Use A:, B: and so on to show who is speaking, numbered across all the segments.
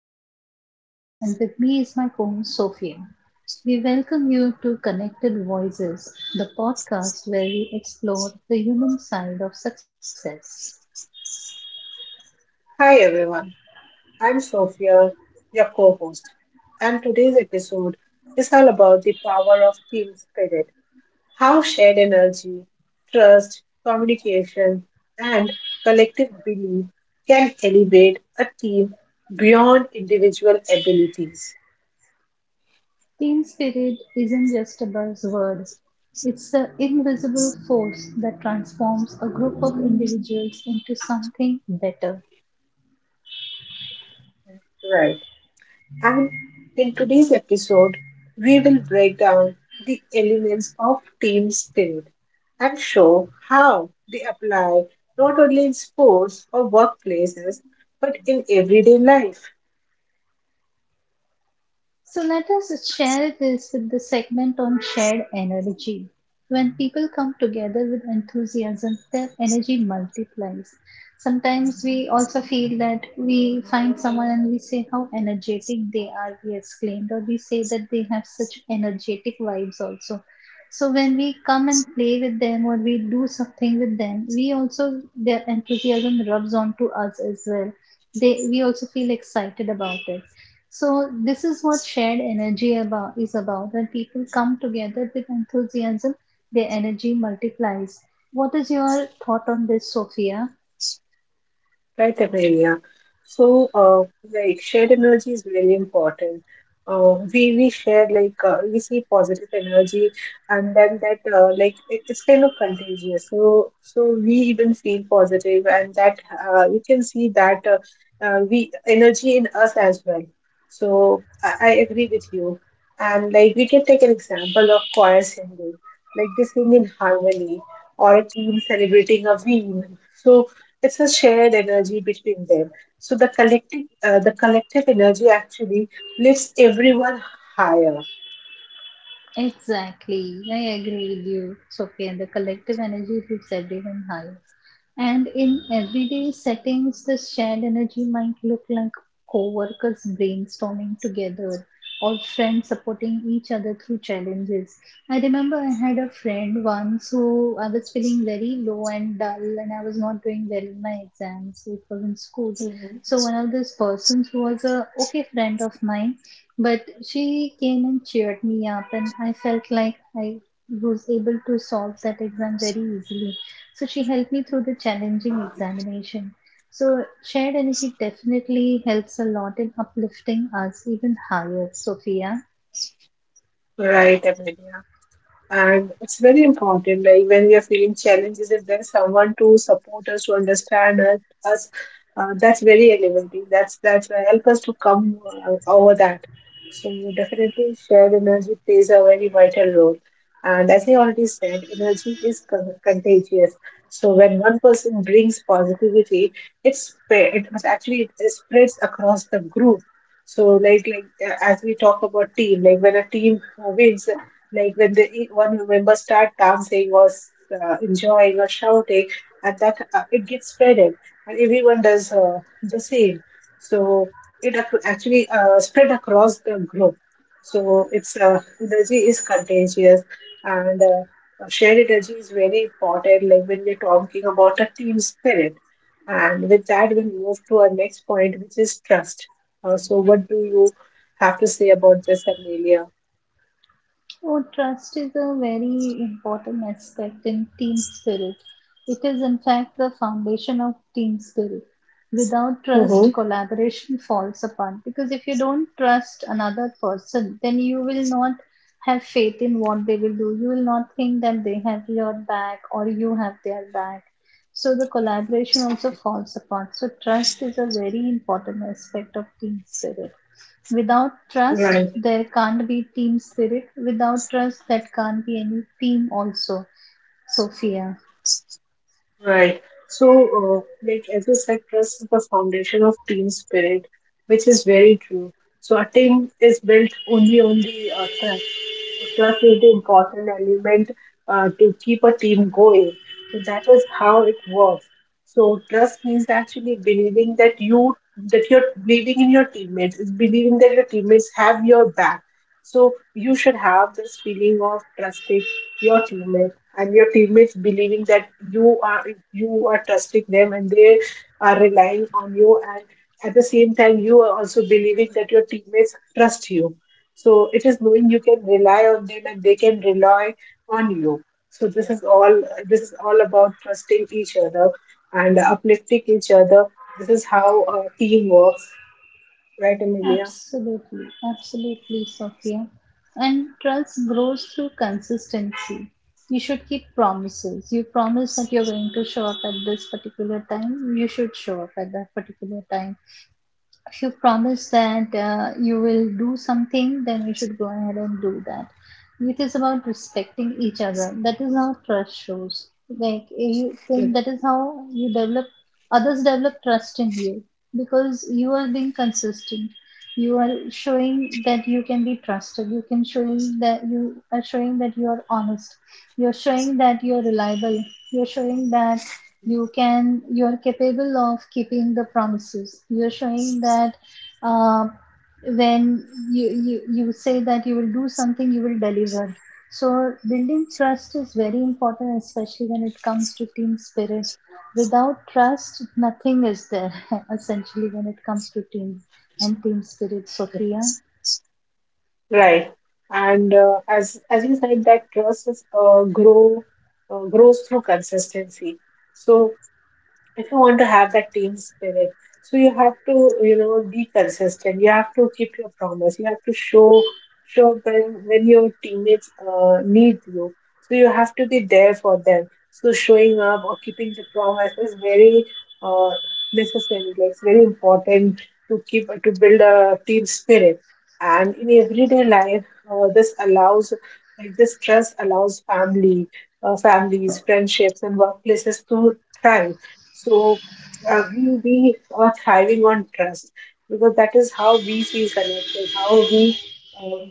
A: host Amelia, and with me is my co host Sophia. We welcome you to Connected Voices, the podcast where we explore the human side of success.
B: Hi everyone, I'm Sophia, your co host, and today's episode is all about the power of team spirit, how shared energy, trust, communication, and collective belief can elevate a team beyond individual abilities.
A: Team spirit isn't just a buzzword, it's the invisible force that transforms a group of individuals into something better.
B: Right. And in today's episode, we will break down the elements of team spirit and show how they apply not only in sports or workplaces but in everyday life.
A: So let us share this with the segment on shared energy. When people come together with enthusiasm, their energy multiplies. Sometimes we also feel that we find someone and we say how energetic they are, we exclaimed, or we say that they have such energetic vibes also. So when we come and play with them or we do something with them, we also their enthusiasm rubs onto us as well. They we also feel excited about it. So this is what shared energy about is about. When people come together with enthusiasm, their energy multiplies. What is your thought on this, Sophia?
B: Right, Amelia. So, uh, like shared energy is really important. We share, like we see positive energy, and then that like it's kind of contagious. So we even feel positive, and that you can see that we energy in us as well. So I agree with you, and like we can take an example of choir singing, like they sing in harmony, or a team celebrating a win. So it's a shared energy between them, so the collective energy actually lifts everyone higher.
A: Exactly. I agree with you, Sophia. The collective energy lifts everyone high. And in everyday settings, this shared energy might look like co-workers brainstorming together or friends supporting each other through challenges. I remember I had a friend once who I was feeling very low and dull and I was not doing well in my exams. It was in school.
B: Mhm.
A: So one of those persons who was a okay friend of mine, but she came and cheered me up and I felt like I was able to solve that exam very easily so she helped me through the challenging examination. So shared energy definitely helps a lot in uplifting us even higher, Sophia.
B: Right, Amelia? And it's very important, like when we are feeling challenges, if there's someone to support us, to understand us, that's very elevating. That's help us to come over that. So definitely, shared energy plays a very vital role. And as I already said, energy is contagious. So when one person brings positivity, it's sp- it was actually it spreads across the group. So like as we talk about team, like when a team wins, like when the one member start dancing or enjoying or shouting, and that it gets spreaded, and everyone does the same. So it actually spread across the group. So its energy is contagious, and shared energy is very important. Like when we're talking about a team spirit, and with that we move to our next point, which is trust. So what do you have to say about this, Amelia?
A: Oh, trust is a very important aspect in team spirit. It is, in fact, the foundation of team spirit. Without trust,
B: Mm-hmm.
A: collaboration falls apart because if you don't trust another person, then you will not have faith in what they will do. You will not think that they have your back or you have their back. So the collaboration also falls apart. So, trust is a very important aspect of team spirit. Without trust,
B: Right.
A: there can't be team spirit. Without trust, that can't be any team, also, Sophia.
B: Right. Like as you said, trust is the foundation of team spirit, which is very true. So, a team is built only on the trust. So, trust is the important element to keep a team going. So, that is how it works. So, trust means actually believing that you're believing in your teammates, is believing that your teammates have your back. So, you should have this feeling of trusting your teammates, and your teammates believing that you are trusting them and they are relying on you, and at the same time you are also believing that your teammates trust you. So it is knowing you can rely on them and they can rely on you. So this is all about trusting each other and uplifting each other. This is how a team works, right Amelia?
A: Absolutely, absolutely, Sophia. And trust grows through consistency. You should keep promises. You promise that you're going to show up at this particular time, you should show up at that particular time if you promise that you will do something, then you should go ahead and do that. It is about respecting each other. That is how trust shows. Like you, then that is how you develop others develop trust in you because you are being consistent. You are showing that you can be trusted. You can showing that you are showing that you are honest. You're showing that you're reliable. You're showing that you can you are capable of keeping the promises you are showing that uh, when you say that you will do something you will deliver. So building trust is very important, especially when it comes to team spirit. Without trust, nothing is there essentially when it comes to teams and team spirit, Sophia.
B: Right. And As you said, that trust is, grow grows through consistency. So if you want to have that team spirit, so you have to, you know, be consistent, you have to keep your promise, you have to show when your teammates need you. So you have to be there for them. So showing up or keeping the promise is very uh, necessary, like it's very important to keep to build a team spirit. And in everyday life, this allows, like this trust allows family families, friendships and workplaces to thrive. So we are thriving on trust, because that is how we feel connected, how we uh,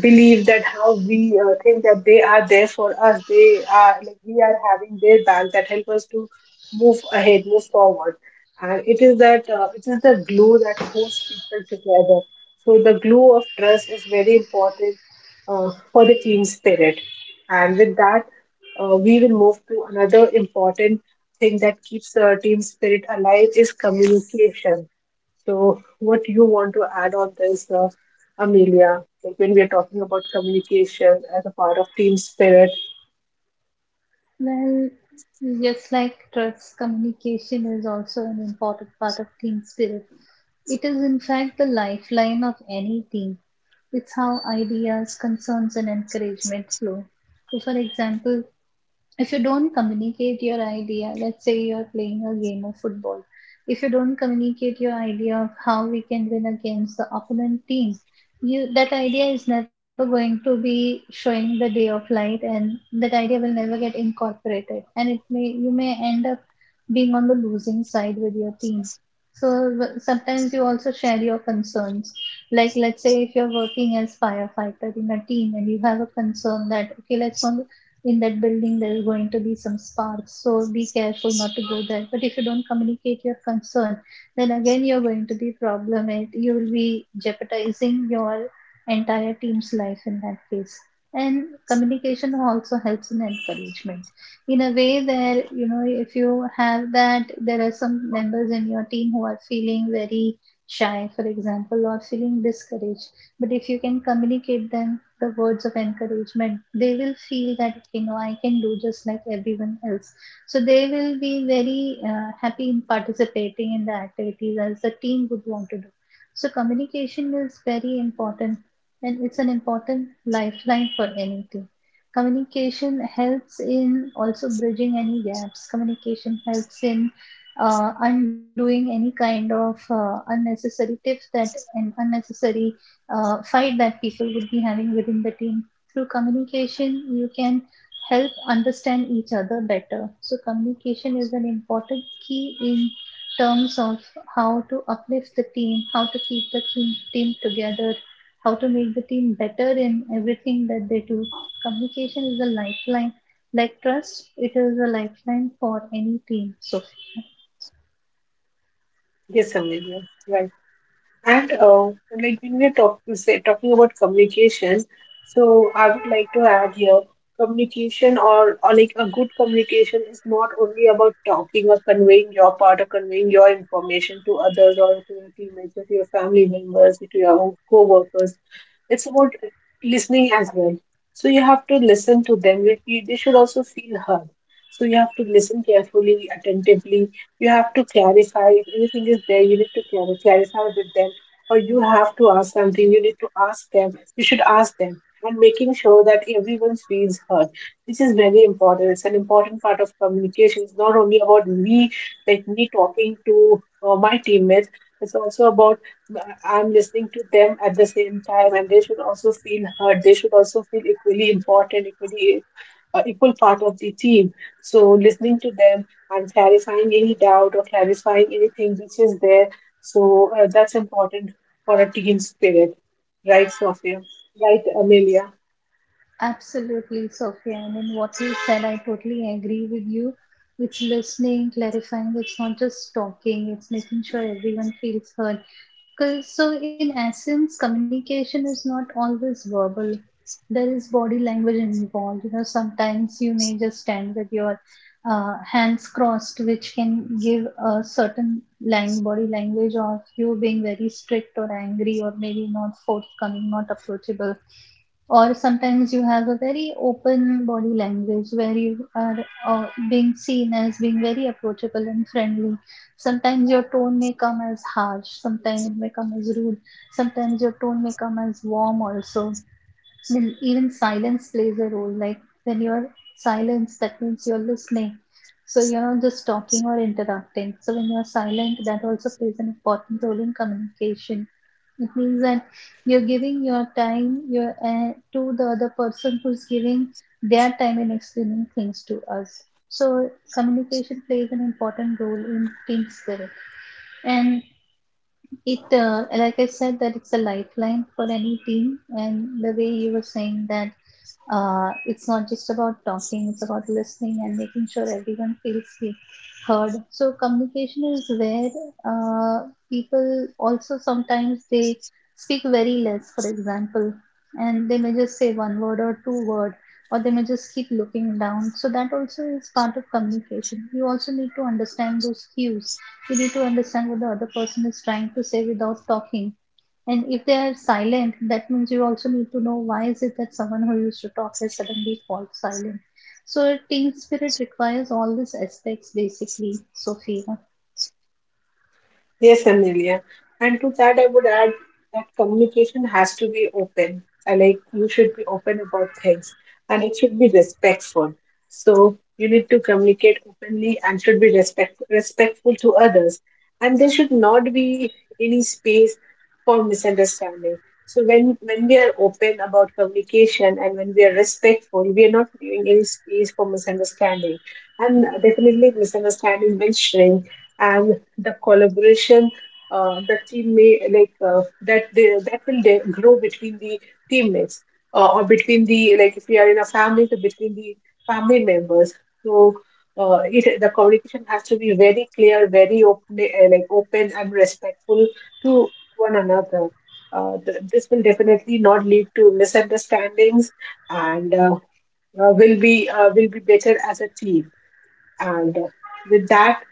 B: believe that, how we think that they are there for us, they are, like we are having their back, that help us to move ahead, move forward. And it is that it is the glue that holds people together. So the glue of trust is very important for the team spirit. And with that, we will move to another important thing that keeps team spirit alive, is communication. So what you want to add on this, Amelia, like when we are talking about communication as a part of team spirit.
A: Well, just like trust, communication is also an important part of team spirit. It is, in fact, the lifeline of any team. It's how ideas, concerns, and encouragement flow. So, for example, if you don't communicate your idea, let's say you're playing a game of football, if you don't communicate your idea of how we can win against the opponent team, you that idea is never going to be showing the day of light, and that idea will never get incorporated, and it may you may end up being on the losing side with your team. So w- sometimes you also share your concerns. Like let's say if you're working as firefighter in a team and you have a concern that okay, let's not in that building there is going to be some sparks so be careful not to go there but if you don't communicate your concern then again you're going to be problematic you will be jeopardizing your entire team's life in that case. And communication also helps in encouragement in a way that, you know, if you have that there are some members in your team who are feeling very shy for example or feeling discouraged but if you can communicate them the words of encouragement, they will feel that, you know, I can do just like everyone else. So they will be very happy in participating in the activities as the team would want to do. So communication is very important and it's an important lifeline for anything. Communication helps in also bridging any gaps. Communication helps in undoing any kind of unnecessary tips that and unnecessary fight that people would be having within the team. Through communication, you can help understand each other better. So, communication is an important key in terms of how to uplift the team, how to keep the team together, how to make the team better in everything that they do. Communication is a lifeline. Like trust, it is a lifeline for any team, Sophia.
B: Yes, Amelia, right. And like when we're talking about communication, so I would like to add here, communication or like a good communication is not only about talking or conveying your part or conveying your information to others or to your teammates or to your family members or to your own co-workers. It's about listening as well. So you have to listen to them. They should also feel heard. So you have to listen carefully, attentively, you have to clarify if anything is there you need to clarify with them, or you have to ask something, you need to ask them. You should ask them. And making sure that everyone feels heard, this is very important. It's an important part of communication. It's not only about me, like me talking to my teammates. It's also about I'm listening to them at the same time, and they should also feel heard. They should also feel equally important, equal part of the team. So listening to them and clarifying any doubt or clarifying anything which is there, so that's important for a teen spirit. Right, Sophia? Right, Amelia?
A: Absolutely, Sophia. I mean, what you said, I totally agree with you. It's listening, clarifying. It's not just talking. It's making sure everyone feels heard. Because so, in essence, communication is not always verbal. There is body language involved. You know, sometimes you may just stand with your hands crossed, which can give a certain body language of you being very strict or angry, or maybe not forthcoming, not approachable, or sometimes you have a very open body language where you are being seen as being very approachable and friendly. Sometimes your tone may come as harsh, sometimes it may come as rude, sometimes your tone may come as warm also. Then even silence plays a role. Like when you're silence that means you're listening, so you're not just talking or interrupting. So when you're silent that also plays an important role in communication. It means that you're giving your time your to the other person who's giving their time in explaining things to us. So communication plays an important role in team spirit, and it, like I said, that it's a lifeline for any team. And the way you were saying that it's not just about talking, it's about listening and making sure everyone heard. So communication is where uh, people also sometimes they speak very less, for example, and they may just say one word or two word, or they may just keep looking down. So that also is part of communication. You also need to understand those cues. You need to understand what the other person is trying to say without talking, and if they are silent, that means you also need to know why is it that someone who used to talk has suddenly fallen silent. So team spirit requires all these aspects basically, Sophia.
B: Yes, Amelia. And to that, I would add that communication has to be open. I like you should be open about things and it should be respectful. So you need to communicate openly and should be respectful to others. And there should not be any space for misunderstanding. So when we are open about communication and when we are respectful, we are not leaving any space for misunderstanding. And definitely misunderstanding will shrink, and the collaboration, the team may like that will grow between the teammates, or between the, like if we are in a family, so between the family members. So it, the communication has to be very clear, very open, like open and respectful to one another. This will definitely not lead to misunderstandings, and will be better as a team. And with that,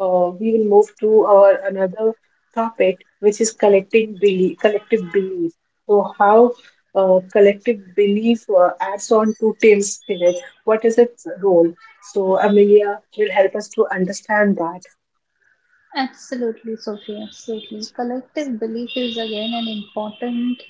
B: we will move to our another topic, which is collective belief. So, how collective belief adds on to team spirit? What is its role? So, Amelia will help us to understand that.
A: Absolutely, Sophie, absolutely. Collective belief is again an important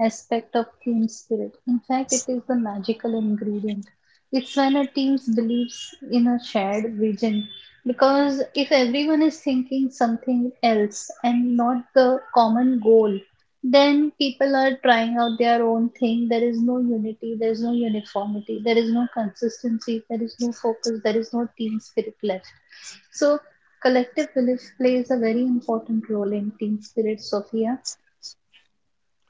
A: aspect of team spirit. In fact, it is the magical ingredient. It's when a team believes in a shared vision. Because if everyone is thinking something else and not the common goal, then people are trying out their own thing. There is no unity, there is no uniformity, there is no consistency, there is no focus, there is no team spirit left. So Collective Village plays a very important role in Team Spirit, Sofia.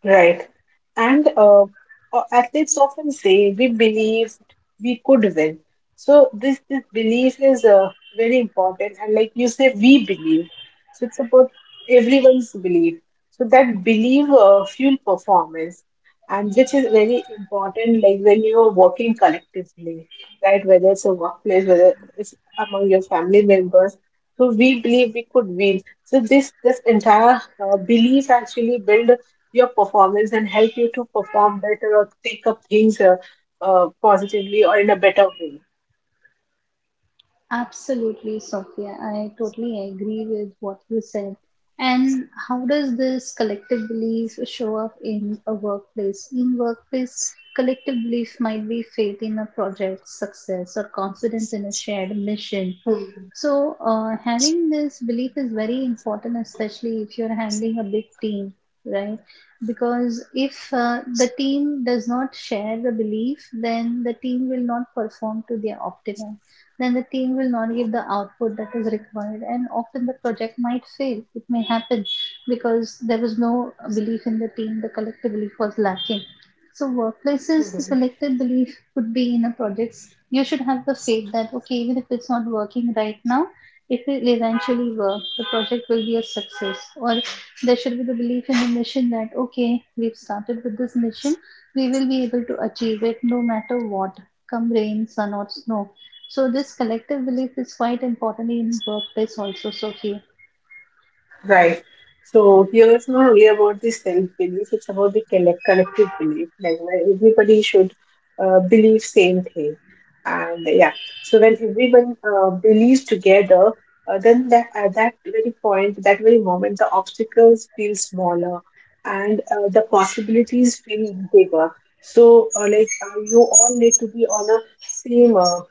B: Right. And Athletes often say, we believe we could win. So this belief is very important. And like you say, we believe. So it's about everyone's belief. So that belief fuel performance, and which is very important, like when you are working collectively, right? Whether it's a workplace, whether it's among your family members. So we believe we could win. So this entire belief actually build your performance and help you to perform better or take up things positively or in a better way.
A: Absolutely, Sophia. I totally agree with what you said. And how does this collective belief show up in a workplace? In workplace, collective belief might be faith in a project's success or confidence in a shared mission.
B: Mhm.
A: So, having this belief is very important, especially if you're handling a big team, right? Because if the team does not share the belief, then the team will not perform to their optimum, then the team will not give the output that is required, and often the project might fail. It may happen because there was no belief in the team, the collective belief was lacking. So workplaces the
B: Mhm.
A: collective belief could be in a projects. You should have the faith that okay, even if it's not working right now, if it eventually works, the project will be a success. Or there should be the belief in the mission that okay, we've started with this mission, we will be able to achieve it no matter what, come rain sun or snow. So this collective belief is quite important in workplace also, Sophia.
B: Right. So here it's not only about the self belief; it's about the collective belief. Like where everybody should believe same thing, and yeah. So when everyone believes together, then that at that very point, that very moment, the obstacles feel smaller, and the possibilities feel bigger. So like you all need to be on a same,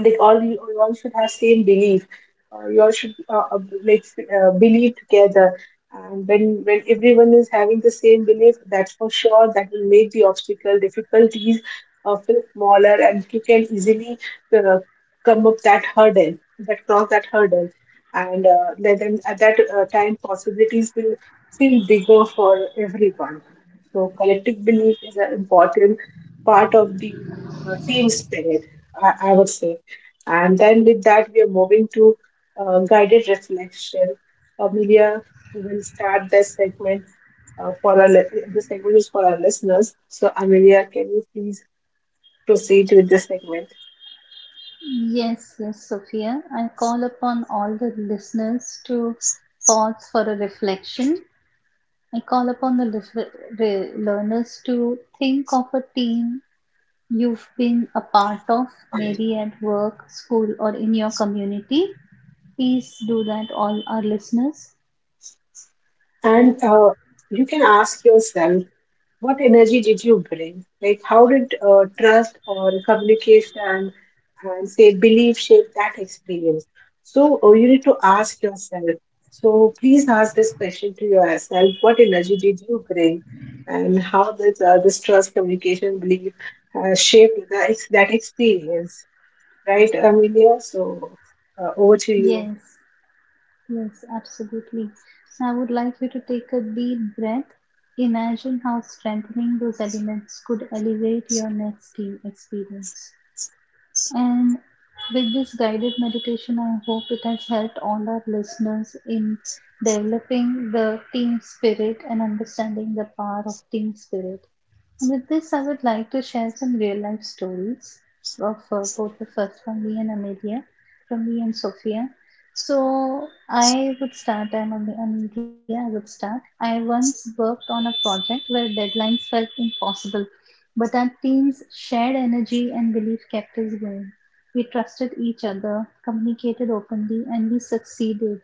B: like you all should have same belief, you all should believe together. And when everyone is having the same belief, that's for sure that will make the obstacle difficulties feel smaller, and you can easily uh, come up that hurdle that cross that hurdle. And then at that time possibilities will feel bigger for everyone. So collective belief is an important part of the team spirit, I would say. And then with that, we are moving to guided reflection. Amelia will start this segment uh, for our li- this segment is for our listeners. So Amelia, can you please proceed with this segment?
A: Yes, yes, Sophia. I call upon all the listeners to pause for a reflection. I call upon the learners to think of a team you've been a part of, maybe at work, school, or in your community. Please do that, all our listeners.
B: And you can ask yourself, what energy did you bring? Like, how did trust or communication and say belief shape that experience? So, you need to ask yourself. So, please ask this question to yourself, what energy did you bring? And how does this trust, communication, belief shape the that experience? Right, Amelia? So, over to you.
A: Yes. Yes, absolutely. I would like you to take a deep breath. Imagine how strengthening those elements could elevate your next skiing experience. And with this guided meditation, I hope it has helped all our listeners in developing the team spirit and understanding the power of team spirit. With this, I would like to share some real life stories of both of us from me and Amelia, from me and Sophia. So I would start, Amelia, I would start. I once worked on a project where deadlines felt impossible, but our team's shared energy and belief kept us going. We trusted each other, communicated openly, and we succeeded.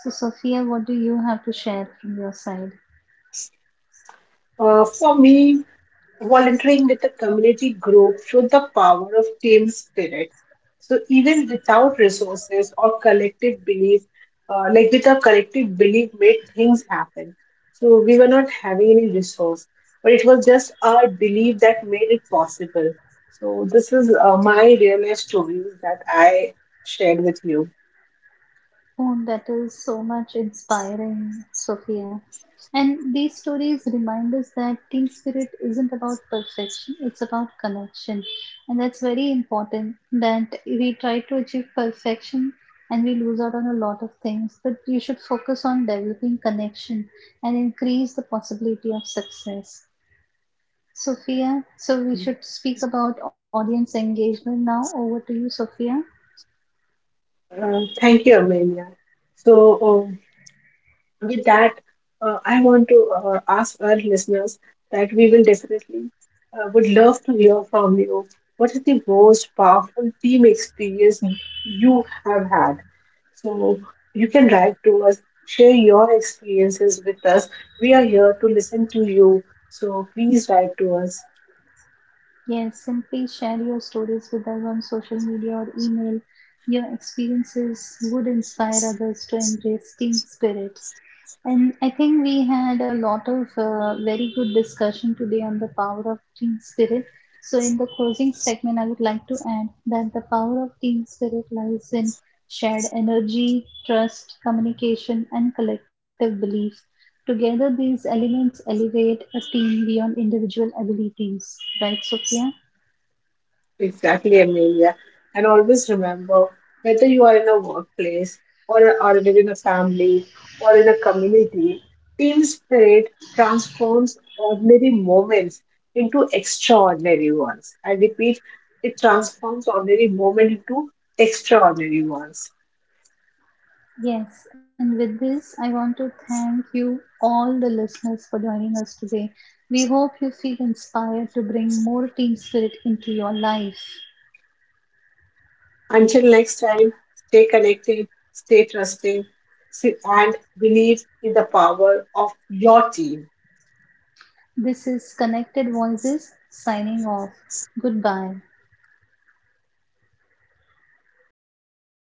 A: So, Sophia, what do you have to share from your side?
B: For me, volunteering with a community group showed the power of team spirit. So even without resources or collective belief, like with a collective belief, made things happen. So we were not having any resource, but it was just our belief that made it possible. So this is my real life story that I shared with you.
A: Oh, that is so much inspiring, Sophia. And these stories remind us that Teen Spirit isn't about perfection, it's about connection. And that's very important that we try to achieve perfection and we lose out on a lot of things. But you should focus on developing connection and increase the possibility of success. Sophia, so we should speak about audience engagement now. Over to you, Sophia.
B: Thank you, Amelia. So um, with that, I want to ask our listeners that we will definitely would love to hear from you. What is the most powerful team experience you have had? So you can write to us, share your experiences with us. We are here to listen to you. So please write to us.
A: Yes, simply share your stories with us on social media or email. Your experiences would inspire others to embrace team spirit. And I think we had a lot of very good discussion today on the power of team spirit. So, in the closing segment, I would like to add that the power of team spirit lies in shared energy, trust, communication, and collective belief. Together, these elements elevate a team beyond individual abilities. Right, Sophia?
B: Exactly, Amelia. And always remember, whether you are in a workplace or are within a family or in a community, team spirit transforms ordinary moments into extraordinary ones. I repeat, it transforms ordinary moment into extraordinary ones.
A: Yes, and with this, I want to thank you, all the listeners, for joining us today. We hope you feel inspired to bring more team spirit into your life.
B: Until next time, stay connected, stay trusting, and believe in the power of your team.
A: This is Connected Voices signing off. Goodbye.